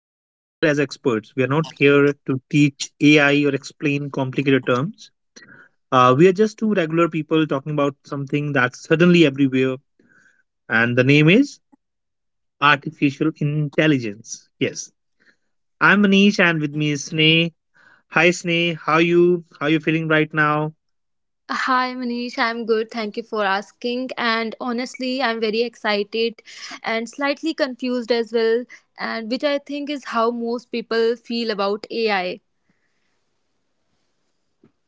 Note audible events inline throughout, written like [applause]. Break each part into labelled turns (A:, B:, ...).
A: We are not here as experts. We are not here to teach AI or explain complicated terms. We are just two regular people talking about something that's suddenly everywhere. And the name is artificial intelligence. Yes, I'm Manish, and with me is Sneh. Hi, Sneh. How you? How you feeling right now?
B: Hi Manish, I'm good. Thank you for asking. And honestly, I'm very excited and slightly confused as well, and which I think is how most people feel about AI.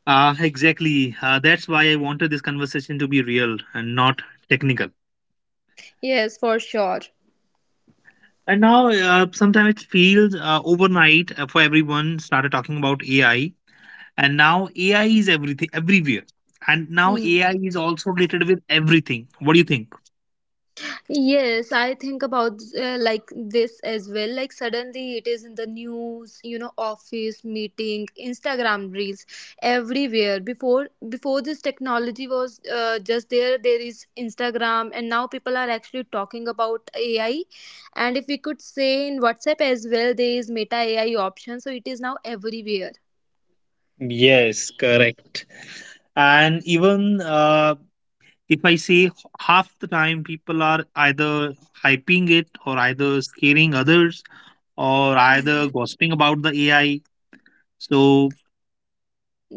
A: Exactly. That's why I wanted this conversation to be real and not technical.
B: Yes, for sure.
A: And now, sometimes it feels overnight for everyone started talking about AI. And now AI is everything, everywhere. And now
B: Hmm.
A: AI is also related with everything. What do you think?
B: Yes, I think about like this as well. Like suddenly it is in the news, you know, office meeting, Instagram reels, everywhere. Before this technology was just there, there is Instagram, and now people are actually talking about AI. And if we could say in WhatsApp as well, there is Meta AI option, so it is now everywhere.
A: Yes, correct. And even if I say h- half the time people are either hyping it or either scaring others or either gossiping about the AI. So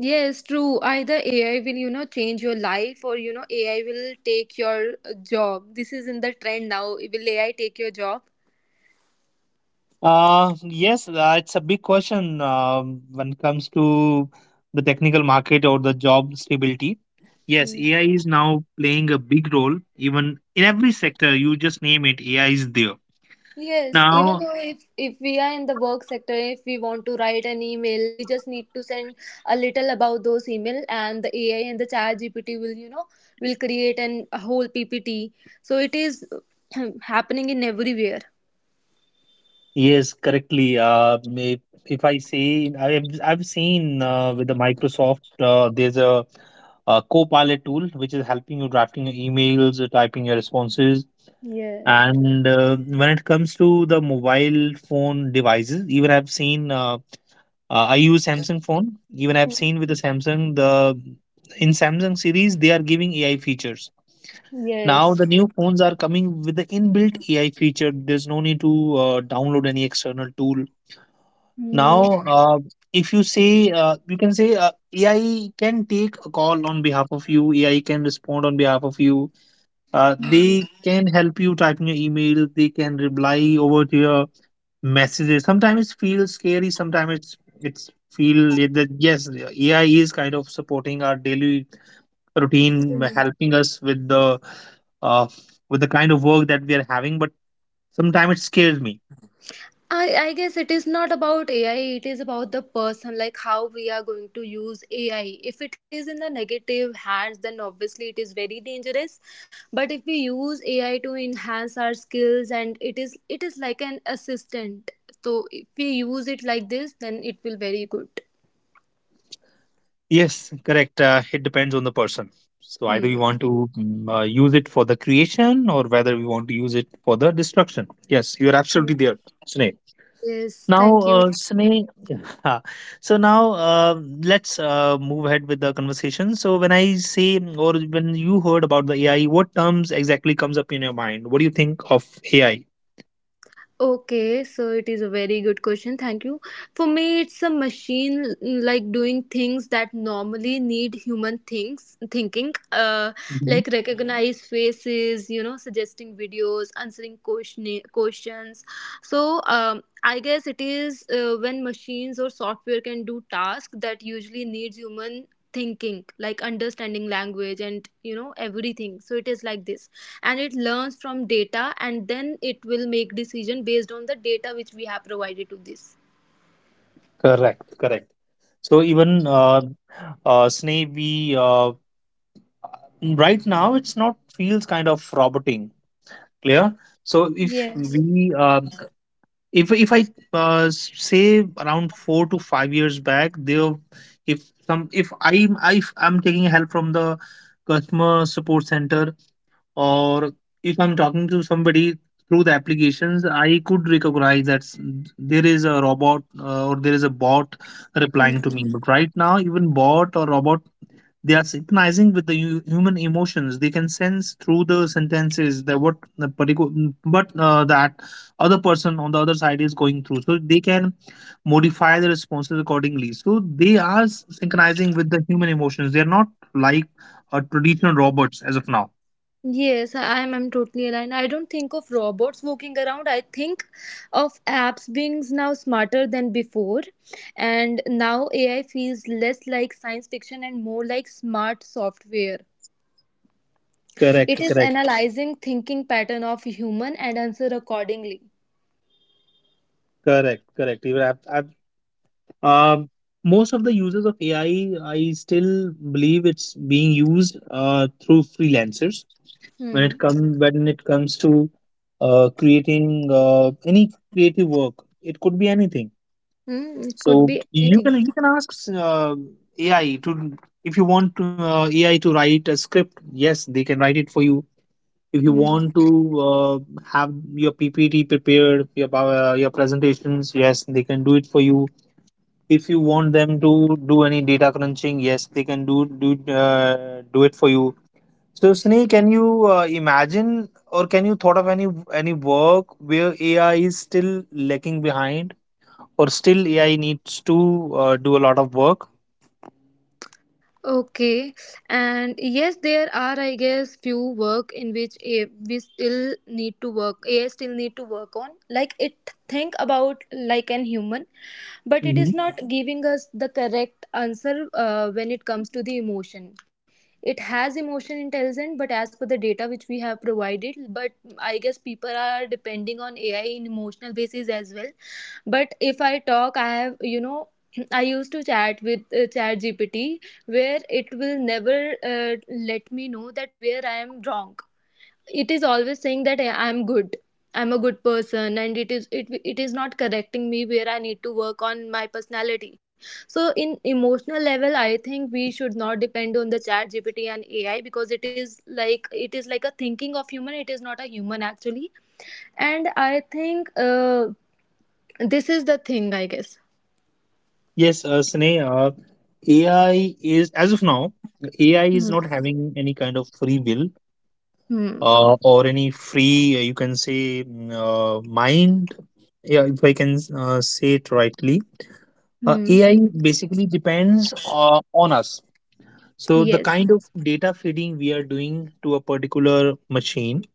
B: Yes, true. Either AI will, you know, change your life or, you know, AI will take your job. This is in the trend now. Will AI take your job?
A: yes, it's a big question when it comes to the technical market or the job stability. Yes,
B: Mm.
A: AI is now playing a big role, even in every sector. You just name it, AI is there.
B: Yes,
A: Now,
B: even though if we are in the work sector, if we want to write an email, we just need to send a little about those email and the AI and the chat GPT will, you know, will create an a whole PPT. So it is [clears throat] happening in everywhere.
A: yes, correctly. If I say I've seen with the Microsoft, there's a Copilot tool which is helping you drafting your emails, typing your responses.
B: Yes.
A: And when it comes to the mobile phone devices, even I've seen, I use Samsung phone. Even I've seen with the Samsung, the in Samsung series, they are giving AI features. Now the
B: Yes.
A: new phones are coming with the inbuilt AI feature. There's no need to download any external tool.
B: Mm.
A: Now, if you say, you can say AI can take a call on behalf of you. AI can respond on behalf of you. They can help you typing your email. They can reply over to your messages. Sometimes it feels scary. Sometimes it's feel like that yes, AI is kind of supporting our daily routine, helping us uh, with the kind of work that we are having. But sometimes it scares me.
B: I guess it is not about AI, it is about the person, like how we are going to use AI. If it is in the negative hands, then obviously it is very dangerous. But if we use AI to enhance our skills and it is like an assistant. So if we use it like this, then it will very good.
A: Yes, correct. It depends on the person. So either we
B: Hmm.
A: want to use it for the creation, or whether we want to use it for the destruction. Yes, you are absolutely there, Sneh.
B: Yes,
A: Now,
B: thank you.
A: Sneh, yeah. [laughs] So now, let's move ahead with the conversation. So when I say, or when you heard about the AI, what terms exactly comes up in your mind? What do you think of AI?
B: Okay, so it is a very good question. Thank you. For me, it's a machine like doing things that normally need human things thinking,
A: Mhm.
B: like recognize faces, you know, suggesting videos, answering questions. So, I guess it is when machines or software can do tasks that usually needs human thinking, like understanding language and you know everything. So it is like this and it learns from data and then it will make decision based on the data which we have provided to this.
A: Correct, correct. So even Sneh, we right now it's not feels kind of roboting, clear? So if
B: Yes.
A: we if I uh, Say around 4 to 5 years back, there if some if I if I'm taking help from the customer support center or if I'm talking to somebody through the applications, I could recognize that there is a robot or there is a bot replying to
B: Hmm.
A: me. But right now, even bot or robot they are synchronizing with the human emotions. They can sense through the sentences that what the particular, but that other person on the other side is going through. So they can modify the responses accordingly. So they are synchronizing with the human emotions. They are not like a traditional robots as of now.
B: Yes, I'm totally aligned. I don't think of robots walking around. I think of apps being now smarter than before, and now AI feels less like science fiction and more like smart software.
A: Correct,
B: It is
A: correct,
B: analyzing thinking pattern of human and answer accordingly.
A: correct, correct. Even um, most of the users of AI, I still believe it's being used through freelancers
B: Hmm.
A: when it comes to creating any creative work. It could be anything.
B: Hmm. It could
A: So
B: be anything.
A: you can ask uh, AI to, if you want to, AI to write a script, yes, they can write it for you. If you
B: Hmm.
A: want to uh, have your PPT prepared, your your presentations, yes, they can do it for you. If you want them to do any data crunching, yes, they can do do it for you. So, Sunny, can you imagine or can you thought of any work where AI is still lacking behind or still AI needs to do a lot of work?
B: Okay, and yes, there are, I guess, few work in which we still need to work. AI still need to work on. Like it think about like an human, but it
A: Mhm.
B: is not giving us the correct answer when it comes to the emotion. It has emotion intelligence, but as per the data which we have provided, but I guess people are depending on AI in emotional basis as well. But if I talk, I have you know [clears throat] I used to chat with Chat GPT where it will never let me know that where I am wrong. It is always saying that I am good. I'm a good person, and it is not correcting me where I need to work on my personality. So, in emotional level, I think we should not depend on the Chat GPT and AI because it is like a thinking of human. It is not a human actually, and I think this is the thing. I guess.
A: Yes, Sunny, AI is as of now, AI is
B: Hmm.
A: not having any kind of free will
B: Hmm.
A: or any free, you can say, mind. Yeah, if I can say it rightly,
B: Hmm.
A: AI basically depends on us. So the
B: Yes.
A: kind of data feeding we are doing to a particular machine.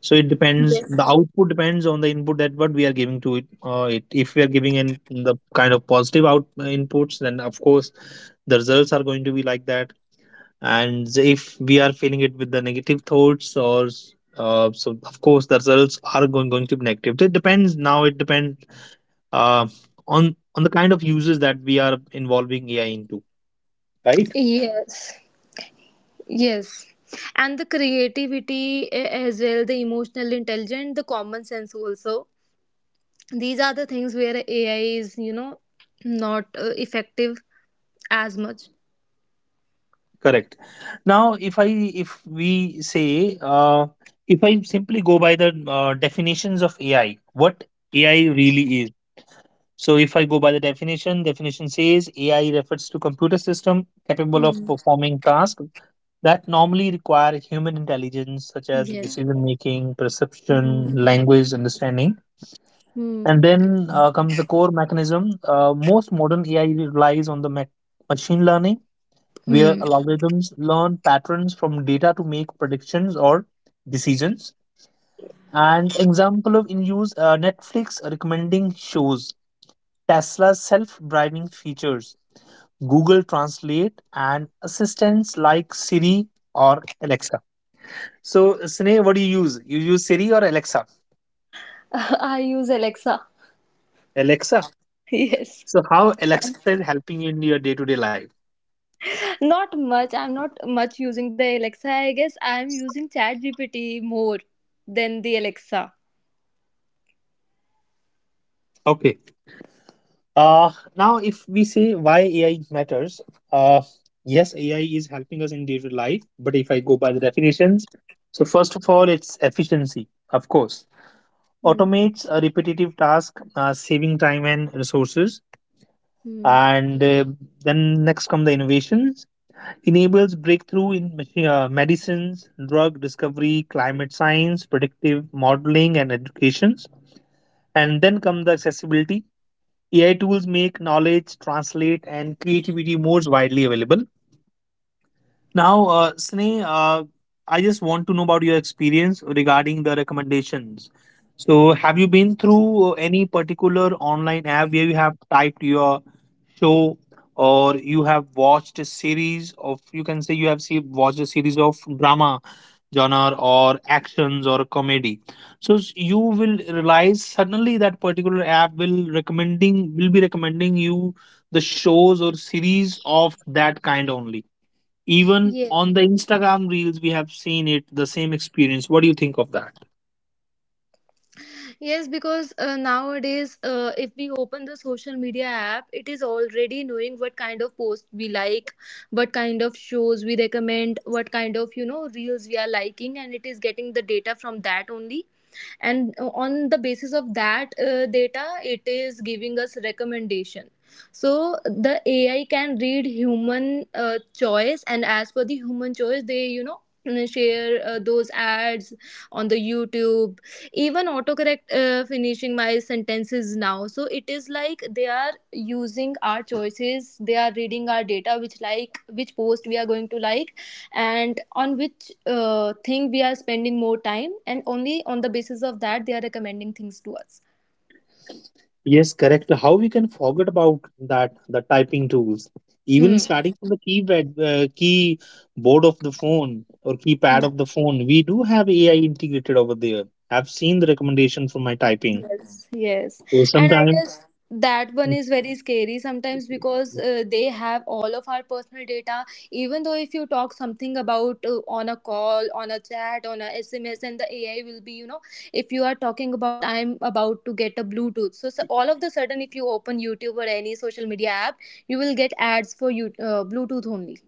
A: So it depends. The
B: Yes.
A: output depends on the input that what we are giving to it. If we are giving in the kind of positive out inputs, then of course the results are going to be like that. And if we are filling it with the negative thoughts or so, of course the results are going to be negative. It depends. Now it depends uh, on the kind of uses that we are involving AI into. Right.
B: Yes. Yes. And the creativity as well, the emotional intelligence, the common sense also. These are the things where AI is, you know, not effective as much.
A: Correct. Now, if I if we say if I simply go by the definitions of AI, what AI really is. So, if I go by the definition says AI refers to computer system capable of
B: Hmm.
A: performing tasks that normally require human intelligence, such as
B: Yes.
A: decision making, perception,
B: Hmm.
A: language understanding.
B: Hmm.
A: And then comes the core mechanism. Most modern AI relies on the machine learning where
B: Hmm.
A: algorithms learn patterns from data to make predictions or decisions. And example of in use, Netflix recommending shows, Tesla's self-driving features, Google Translate, and assistants like Siri or Alexa. So, Sneh, what do you use? You use Siri or Alexa?
B: [laughs] I use Alexa. [laughs]
A: Alexa.
B: Yes.
A: So, how Alexa is helping you in your day-to-day life?
B: Not much. I'm not much using the Alexa. I guess I'm using ChatGPT more than the Alexa.
A: Okay. Uh, Now, if we say why AI matters, uh, yes, AI is helping us in digital life. But if I go by the definitions, so first of all, it's efficiency, of course,
B: Hmm.
A: automates a repetitive task, saving time and resources.
B: Hmm.
A: And then next come the innovations, enables breakthrough in medicines, drug discovery, climate science, predictive modeling, and educations. And then come the accessibility, AI tools make knowledge, translate, and creativity more widely available. Now, Sneh, I just want to know about your experience regarding the recommendations. So, have you been through any particular online app where you have typed your show or you have watched a series of, you can say you have watched a series of drama genre or actions or comedy, so you will realize suddenly that particular app will be recommending you the shows or series of that kind only. Even on the
B: Yes.
A: Instagram reels we have seen it, the same experience. What do you think of that?
B: Yes, because nowadays, if we open the social media app, it is already knowing what kind of posts we like, what kind of shows we recommend, what kind of, you know, reels we are liking, and it is getting the data from that only, and on the basis of that data it is giving us recommendation. So the AI can read human choice, and as per the human choice they, you know, share those ads on the YouTube. Even autocorrect finishing my sentences now, so it is like they are using our choices, they are reading our data, which like which post we are going to like, and on which thing we are spending more time, and only on the basis of that they are recommending things to us.
A: Yes, correct. So how we can forget about that the typing tools, even
B: Hmm.
A: starting from the keypad, keyboard of the phone or keypad of the phone, we do have AI integrated over there. I've seen the recommendation for my typing.
B: Yes, yes.
A: So
B: And I
A: sometimes,
B: guess that one is very scary sometimes because they have all of our personal data. Even though if you talk something about on a call, on a chat, on a SMS, and the AI will be, you know, if you are talking about I'm about to get a Bluetooth. So, so all of the sudden, if you open YouTube or any social media app, you will get ads for you Bluetooth only.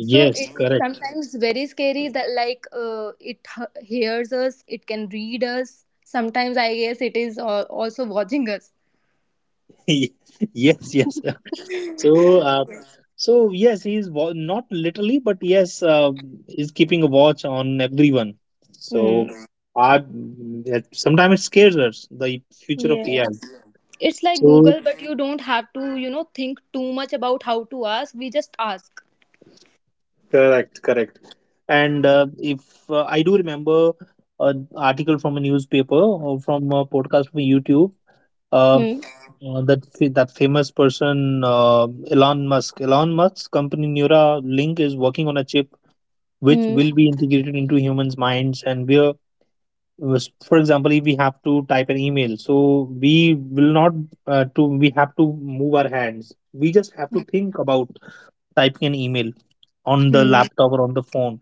B: So it is
A: correct.
B: sometimes very scary that like hears us, it can read us, sometimes I guess it is also watching us.
A: [laughs] Yes, yes. [laughs] So, so yes, he's not literally, but yes, he's keeping a watch on everyone.
B: Hmm.
A: So, I sometimes it scares us the future of
B: Yeah,
A: AI.
B: it's like
A: So
B: Google, but you don't have to, you know, think too much about how to ask, we just ask.
A: correct, correct. And if I do remember an article from a newspaper or from a podcast from YouTube, uh,
B: Hmm.
A: that that famous person Elon Musk, Elon Musk's company Neuralink is working on a chip which
B: Hmm.
A: will be integrated into humans' minds. And we are, for example, if we have to type an email, so we will not to we have to move our hands. We just have to think about typing an email on the
B: Hmm.
A: laptop or on the phone.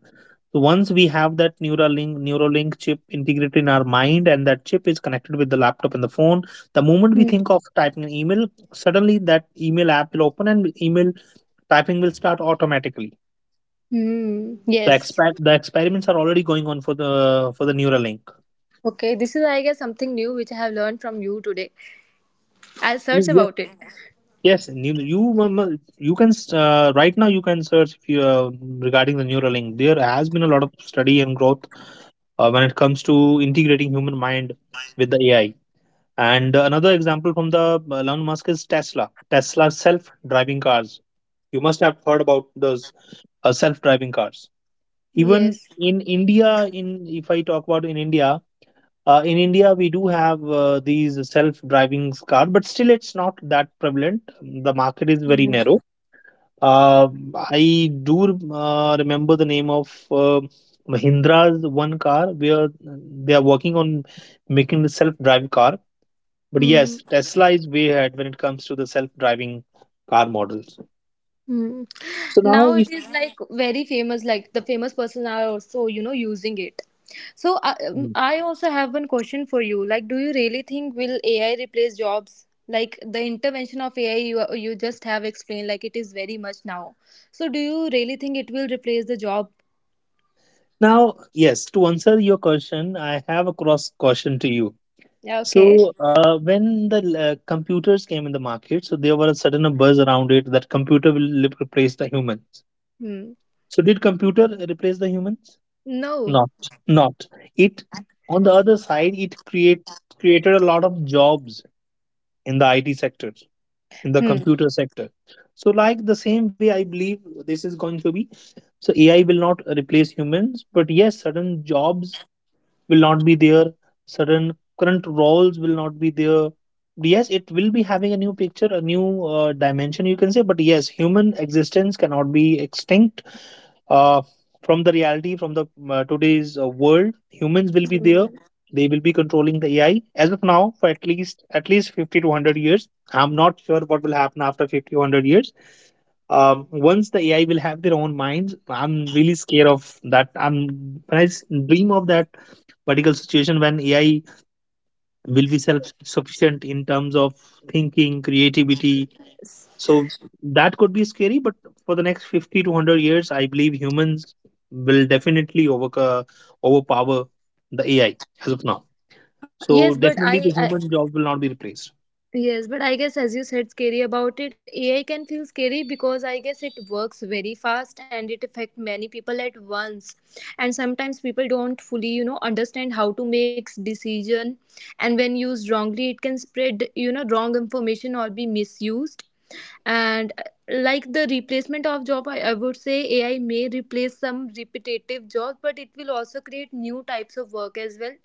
A: So once we have that Neuralink chip integrated in our mind, and that chip is connected with the laptop and the phone, the moment
B: Hmm.
A: we think of typing an email, suddenly that email app will open and email typing will start automatically.
B: Hmm.
A: The
B: Yes.
A: exper- the experiments are already going on for the Neuralink.
B: Okay, this is I guess something new which I have learned from you today. I'll search
A: Yes,
B: about it.
A: yes. You can right now you can search if you regarding the Neuralink. There has been a lot of study and growth when it comes to integrating human mind with the AI. And another example from the Elon Musk is Tesla. Tesla self-driving cars. You must have heard about those self-driving cars. Even
B: Yes.
A: in India, in if I talk about in India, in India, we do have these self-driving cars, but still it's not that prevalent. The market is very
B: Hmm.
A: narrow. Uh, I do remember the name of Mahindra's one car where they are working on making the self-drive car. But
B: Hmm.
A: yes, Tesla is way ahead when it comes to the self-driving car models.
B: Hmm.
A: So now,
B: Now it
A: if
B: is like very famous, like the famous person are also you know using it. So I also have one question for you, like do you really think will AI replace jobs, like the intervention of AI, you just have explained like it is very much now. So do you really think it will replace the job?
A: now, yes, to answer your question, I have a cross question to you.
B: Yeah, okay.
A: So when the computers came in the market, there was a sudden a buzz around it that computer will replace the humans.
B: Hmm.
A: So did computer replace the humans?
B: No.
A: Not, not. It On the other side, it created a lot of jobs in the IT sector, in the
B: Hmm.
A: computer sector. So like the same way, I believe this is going to be. So AI will not replace humans, but yes, certain jobs will not be there, certain current roles will not be there. Yes, it will be having a new picture, a new dimension, you can say, but yes, human existence cannot be extinct uh, from the reality, from the today's world. Humans will be there. They will be controlling the AI as of now for at least 50 to 100 years. I'm not sure what will happen after 50 to 100 years. Once the AI will have their own minds, I'm really scared of that. I'm when I s- dream of that particular situation when AI will be self-sufficient in terms of thinking, creativity. So that could be scary, but for the next 50 to 100 years, I believe humans will definitely overpower the AI as of now.
B: yes
A: So
B: but I,
A: definitely, the
B: I
A: human job will not be replaced.
B: Yes, but I guess as you said scary about it, AI can feel scary because I guess it works very fast and it affect many people at once. And sometimes people don't fully, you know, understand how to make decision, and when used wrongly it can spread, you know, wrong information or be misused. And like the replacement of job, I would say AI may replace some repetitive jobs, but it will also create new types of work as well.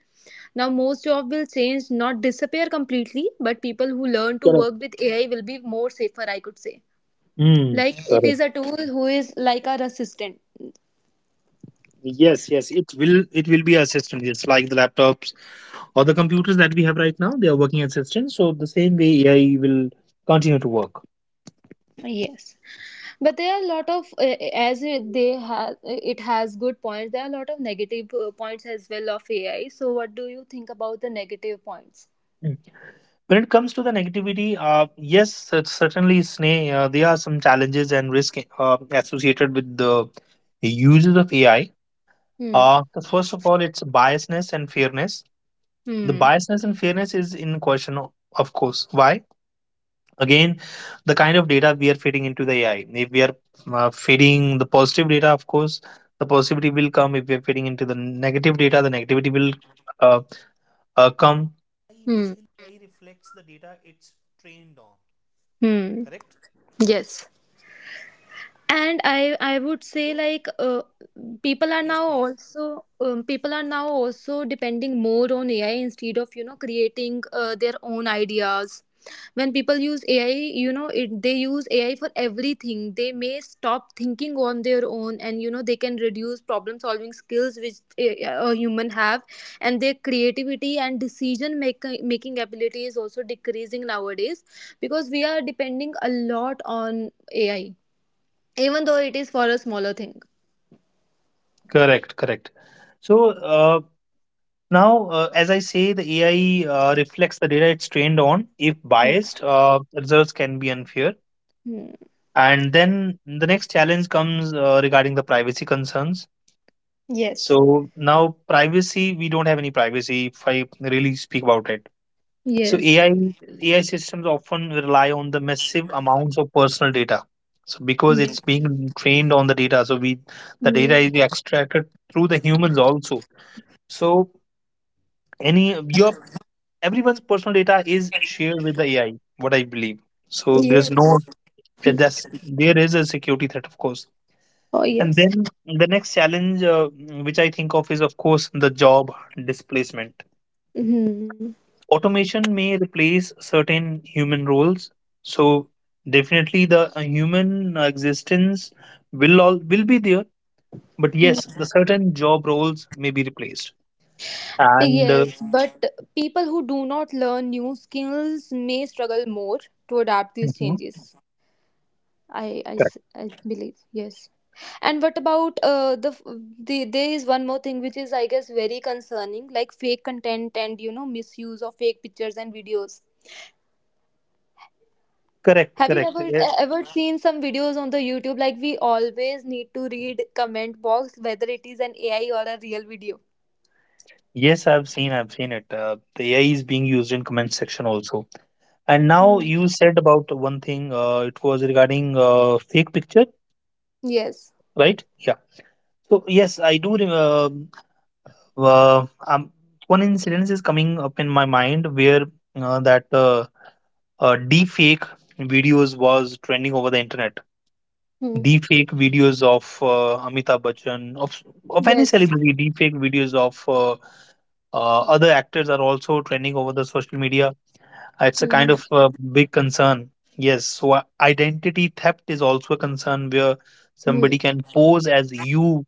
B: Now, most jobs will change, not disappear completely, but people who learn to work
A: Correct.
B: with AI will be more safer, I could say.
A: Mm,
B: Like it is
A: correct.
B: a tool who is like our assistant.
A: Yes, yes. It will. It will be assistant. It's like the laptops or the computers that we have right now, they are working assistants. So the same way AI will continue to work.
B: Yes, but there are a lot of as it- they have it has good points. There are a lot of negative points as well of AI. So, what do you think about the negative points?
A: Mm. When it comes to the negativity, yes, certainly, Sneh, there are some challenges and risk associated with the uses of AI.
B: Hmm.
A: So first of all, it's biasness and fairness. The
B: Hmm.
A: biasness and fairness is in question, of course. Why? Again, the kind of data we are feeding into the AI. If we are feeding the positive data, of course the positivity will come. If we are feeding into the negative data, the negativity will uh, come.
B: Hmm. Hmm. Yes. And I would say like people are now also people are now also depending more on AI instead of, you know, creating their own ideas. When people use AI, you know it, they use AI for everything, they may stop thinking on their own, and you know they can reduce problem solving skills which a human have. And their creativity and decision making ability is also decreasing nowadays because we are depending a lot on AI, even though it is for a smaller thing.
A: Correct, correct. So, as I say, the AI reflects the data it's trained on. If
B: Mm.
A: biased, results can be unfair.
B: Hmm.
A: And then the next challenge comes regarding the privacy concerns.
B: Yes.
A: So now, privacy, we don't have any privacy if I really speak about it. So
B: Yes.
A: AI systems often rely on the massive amounts of personal data. So because
B: Yeah.
A: it's being trained on the data, so we the data is extracted through the humans also. So any your everyone's personal data is shared with the AI, what I believe. So there's no
B: Yes.
A: that's There is a security threat, of course.
B: Oh,
A: And
B: yes.
A: then the next challenge, which I think of, is of course the job displacement.
B: Hmm.
A: Automation may replace certain human roles, so definitely the human existence will be there. But yes, the certain job roles may be replaced. And
B: Yes, but people who do not learn new skills may struggle more to adapt these
A: Mhm.
B: changes.
A: correct,
B: I believe. Yes. And what about the there is one more thing which is I guess very concerning, like fake content and you know misuse of fake pictures and videos. Have you
A: Correct.
B: ever ever seen some videos on the YouTube, like we always need to read comment box whether it is an AI or a real video?
A: Yes, I've seen it. The AI is being used in comment section also. And now
B: Hmm.
A: you said about one thing. It was regarding fake picture,
B: Yes.
A: right? Yeah. So yes, I do. Uh, um, One incident is coming up in my mind where that deep fake videos was trending over the internet.
B: Hmm.
A: Deep fake videos of Amitabh Bachchan, of any
B: Yes.
A: celebrity. Deep fake videos of other actors are also trending over the social media. It's a
B: Hmm.
A: kind
B: Hmm.
A: of a big concern. Yes, so identity theft is also a concern where
B: Hmm.
A: somebody can pose as you,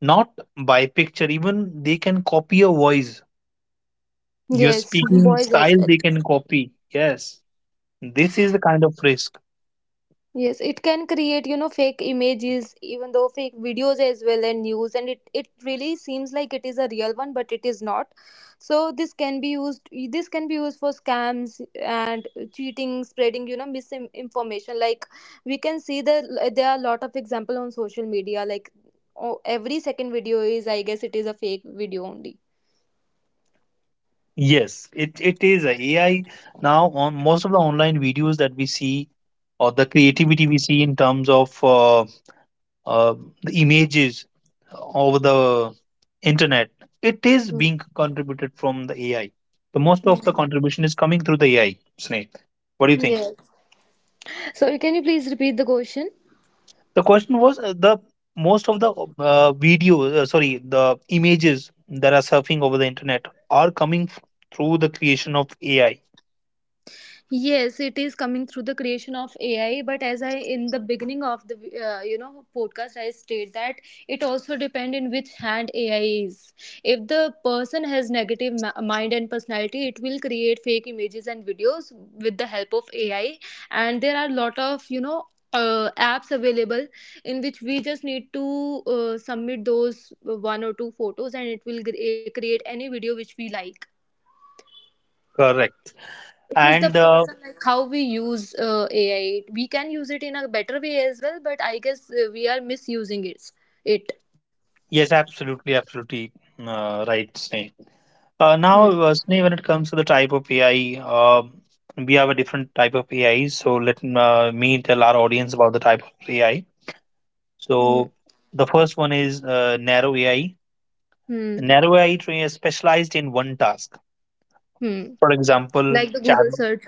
A: not by picture. Even they can copy your voice, your
B: Yes.
A: speaking
B: Boys as
A: style,
B: well.
A: they can copy. Yes, this is the kind of risk.
B: Yes, it can create, you know, fake images, even though fake videos as well and news, and it really seems like it is a real one, but it is not. So this can be used. This can be used for scams and cheating, spreading, you know, misinformation. Like we can see that there are a lot of example on social media. Like oh, every second video is, I guess, it is a fake video only.
A: Yes, it is a AI. Now on most of the online videos that we see or the creativity we see in terms of uh, the images over the internet, it is
B: Mm.
A: being contributed from the AI. The most of the
B: Mm.
A: contribution is coming through the AI, snake what do you think?
B: Yes. So can you please repeat the question?
A: The question was, the most of the video sorry the images that are surfing over the internet are coming through the creation of AI.
B: Yes, it is coming through the creation of AI. But as I in the beginning of the you know podcast, I state that it also depend in which hand AI is. If the person has negative mind and personality, it will create fake images and videos with the help of AI. And there are lot of you know. Apps available in which we just need to submit those one or two photos, and it will create any video which we like.
A: Correct.
B: It is the
A: And
B: person, like how we use AI. We can use it in a better way as well, but I guess we are misusing it.
A: Yes, absolutely, absolutely. Right, snake now,
B: Hmm.
A: when it comes to the type of AI, we have a different type of AI. So let me tell our audience about the type of AI. So
B: Hmm.
A: the first one is narrow AI.
B: Hmm.
A: Narrow AI train is specialized in one task.
B: Hmm.
A: For example,
B: Like the
A: chat.
B: Google search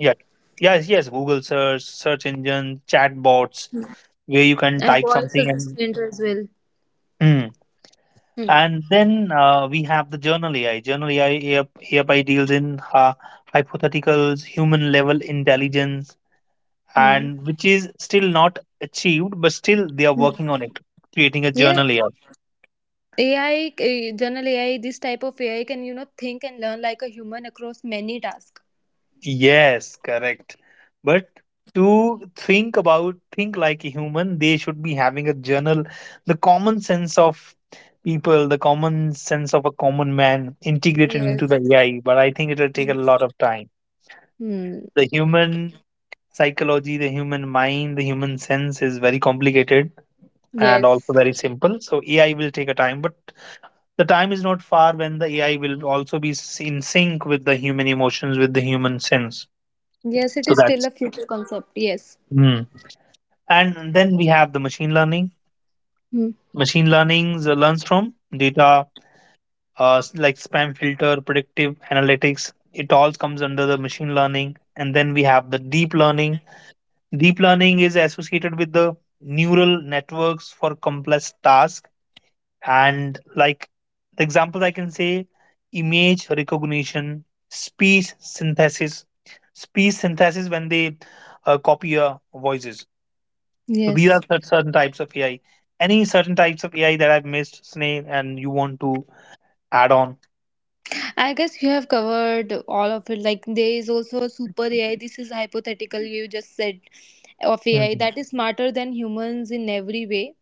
A: Yeah, yes, yes. Google search, search engine, chatbots, where you can
B: and
A: type
B: voice
A: something and
B: assistant as well.
A: hmm,
B: Hmm.
A: and then we have the journal AI. Journal AI hereby deals in hypotheticals, human level intelligence,
B: Hmm.
A: and which is still not achieved, but still they are working
B: Hmm.
A: on it, creating a
B: Yeah,
A: journal AI.
B: ai general AI. This type of AI can, you know, think and learn like a human across many tasks.
A: Yes, correct. But to think about, think like a human, they should be having a journal, the common sense of people, the common sense of a common man integrated into
B: Yes.
A: the AI. But I think it will take
B: Hmm.
A: a lot of time.
B: Hmm.
A: The human psychology, the human mind, the human sense is very complicated and also
B: Yes,
A: very simple. So AI will take a time, but the time is not far when the AI will also be in sync with the human emotions, with the human sense.
B: yes. It
A: So
B: is still
A: that's
B: a future concept. Yes.
A: Hmm. And then we have the machine learning.
B: Hmm.
A: Machine learning learns from data, like spam filter, predictive analytics. It all comes under the machine learning, and then we have the deep learning. Deep learning is associated with the neural networks for complex tasks. And like the examples I can say, image recognition, speech synthesis, speech synthesis when they copy your voices. So these are
B: Yes.
A: certain types of AI. Any certain types of AI that I've missed, Sneh, and you want to add on?
B: I guess you have covered all of it. Like there is also a super AI. This is hypothetical. You just said of AI
A: Mhm.
B: that is smarter than humans in every way.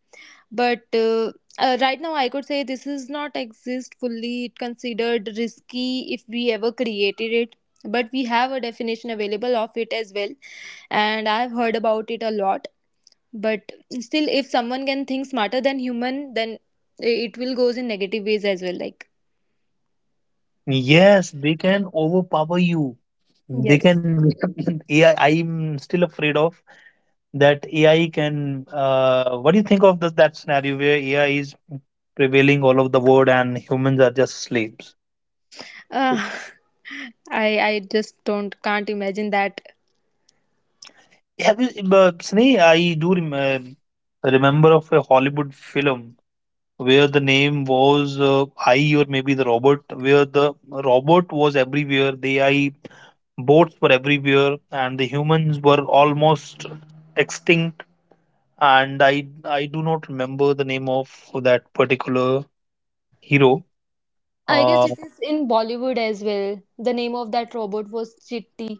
B: But right now, I could say this is not exist fully. It considered risky if we ever created it. But we have a definition available of it as well, and I've heard about it a lot. But still, if someone can think smarter than human, then it will goes in negative ways as well. Like
A: Yes, they can overpower you. They
B: yes.
A: can. AI, [laughs] I'm still afraid of that AI can. What do you think of this, that scenario where AI is prevailing all over the world and humans are just slaves?
B: Uh, [laughs] I just don't can't imagine that.
A: Have you, Sneh, I do remember of a Hollywood film where the name was I or maybe the robot, where the robot was everywhere, the AI boats were everywhere, and the humans were almost extinct. And I do not remember the name of that particular hero.
B: I guess
A: Uh,
B: it is in Bollywood as well. The name of that robot was Chitti.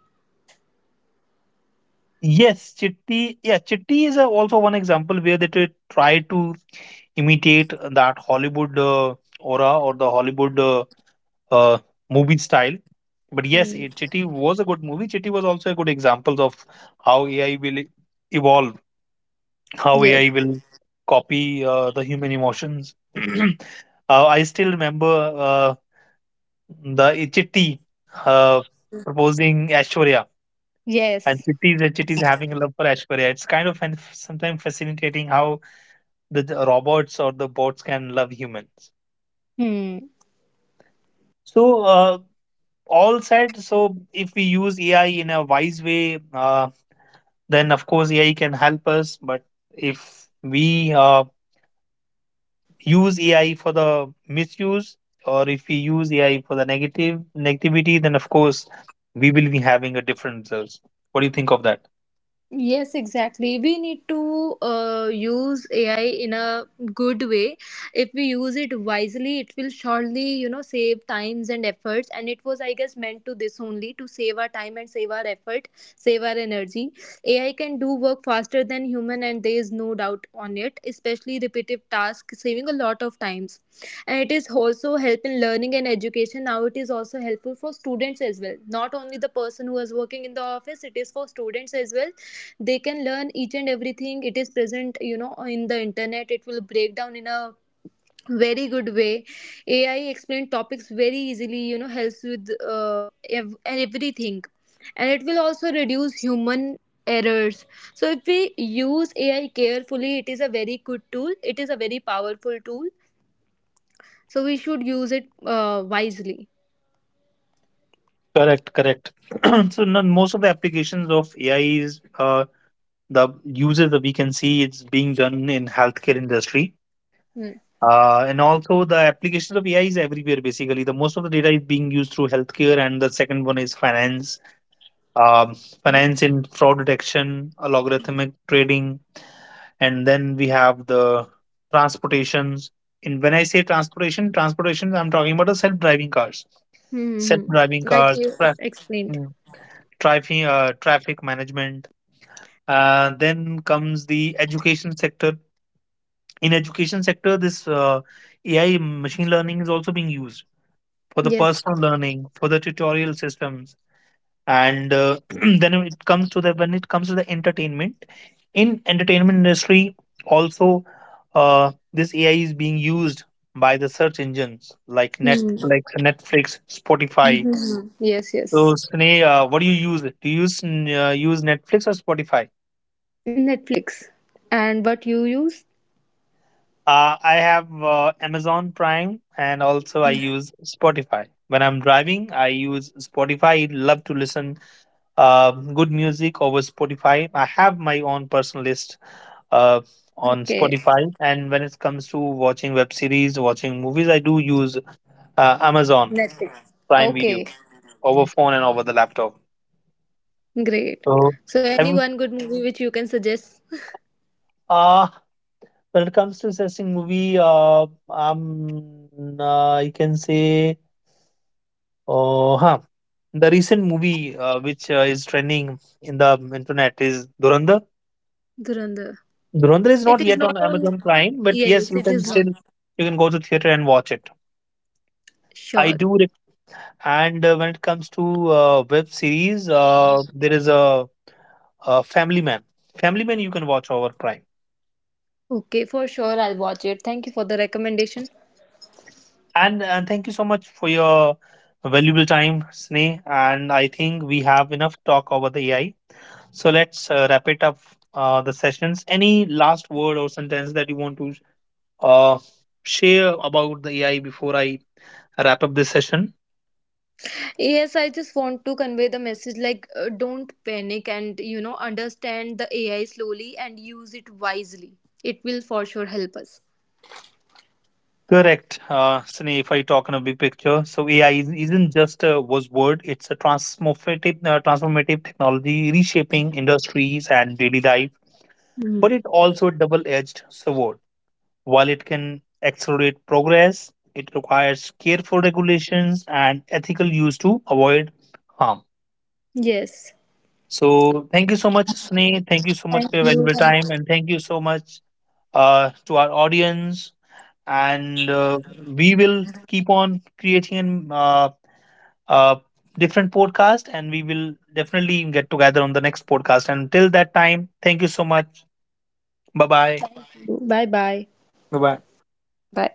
A: Yes, Chitti. Yeah, Chitti is a, also one example where they try to imitate that Hollywood aura or the Hollywood uh, movie style. But
B: Hmm.
A: yes, Chitti was a good movie. Chitti was also a good example of how AI will evolve, how
B: Yes.
A: AI will copy the human emotions. [clears throat] I still remember uh, the Chitti uh, proposing Aishwarya, and
B: Yes.
A: Chitty is having a love for Ashwarya. It's kind of an, sometimes fascinating how the robots or the bots can love humans.
B: Hmm.
A: So all said, so if we use AI in a wise way, then of course AI can help us. But if we use AI for the misuse, or if we use AI for the negative negativity, then of course we will be having a different results. What do you think of that?
B: Yes, exactly. We need to use AI in a good way. If we use it wisely, it will surely, you know, save times and efforts. And it was, I guess, meant to this only to save our time and save our effort, save our energy. AI can do work faster than human, and there is no doubt on it, especially repetitive tasks, saving a lot of times. And it is also help in learning and education. Now it is also helpful for students as well. Not only the person who is working in the office, it is for students as well. They can learn each and everything, it is present you know in the internet, it will break down in a very good way. AI explain topics very easily, you know, helps with uh, everything. And it will also reduce human errors. So if we use AI carefully, it is a very good tool, it is a very powerful tool, so we should use it wisely.
A: Correct, correct. [clears throat] So now most of the applications of AI is the uses that we can see it's being done in healthcare industry.
B: Hmm.
A: And also the applications of AI is everywhere basically. The most of the data is being used through healthcare, and the second one is finance, um, finance in fraud detection, logarithmic trading, and then we have the transportations. And when I say transportation, I'm talking about the
B: Hmm, hmm,
A: self-driving
B: hmm.
A: cars,
B: Like you
A: tra-
B: explained.
A: traffic traffic management. Then comes the education sector. In education sector, this AI machine learning is also being used for the
B: Yes.
A: personal learning, for the tutorial systems, and [clears throat] then it comes to the when it comes to the entertainment. In entertainment industry, also this AI is being used by the search engines like
B: Hmm. Hmm,
A: Netflix, Spotify.
B: hmm, hmm. Yes, yes.
A: So, Sneh, what do you use? Do you use, use Netflix or Spotify?
B: Netflix. And what you use?
A: I have Amazon Prime and also I use Spotify. When I'm driving, I use Spotify. Love to listen good music over Spotify. I have my own personal list uh, on
B: Okay,
A: Spotify. And when it comes to watching web series, watching movies, I do use Amazon
B: Netflix.
A: Prime Video
B: Okay,
A: over phone and over the laptop.
B: great.
A: So,
B: So, any
A: I've,
B: one good movie which you can suggest?
A: uh, when it comes to assessing movie, you can say, oh, huh. The recent movie which is trending in the internet is Durandar.
B: Durandar.
A: Durandar is not
B: It is
A: yet
B: not
A: on
B: on.
A: Amazon Prime, but yes,
B: Yes,
A: you
B: it
A: can
B: is
A: still
B: not.
A: you can go to theater and watch it. I
B: Sure.
A: do. Rec- and When it comes to web series, there is a Family Man. Family Man you can watch over Prime.
B: Okay, for sure, I'll watch it. Thank you for the recommendation.
A: And thank you so much for your valuable time, Sneh. And I think we have enough talk over the AI. So let's wrap it up the sessions. Any last word or sentence that you want to uh, share about the AI before I wrap up this session.
B: Yes, I just want to convey the message like, don't panic and, you know, understand the AI slowly and use it wisely. It will for sure help us.
A: Correct, Sunny. If I talk in a big picture, so AI isn't just a buzzword; it's a transformative technology reshaping industries and daily life. But it
B: Hmm.
A: also a double-edged sword. While it can accelerate progress, it requires careful regulations and ethical use to avoid harm.
B: Yes.
A: So, thank you so much, Sunny. Thank you so much
B: Thank
A: for your
B: you.
A: valuable
B: Thank
A: time, and thank you so much to our audience, and we will keep on creating uh, different podcast, and we will definitely get together on the next podcast. And till that time, thank you so much. Bye bye.
B: you. Bye bye.
A: Bye bye.
B: Bye.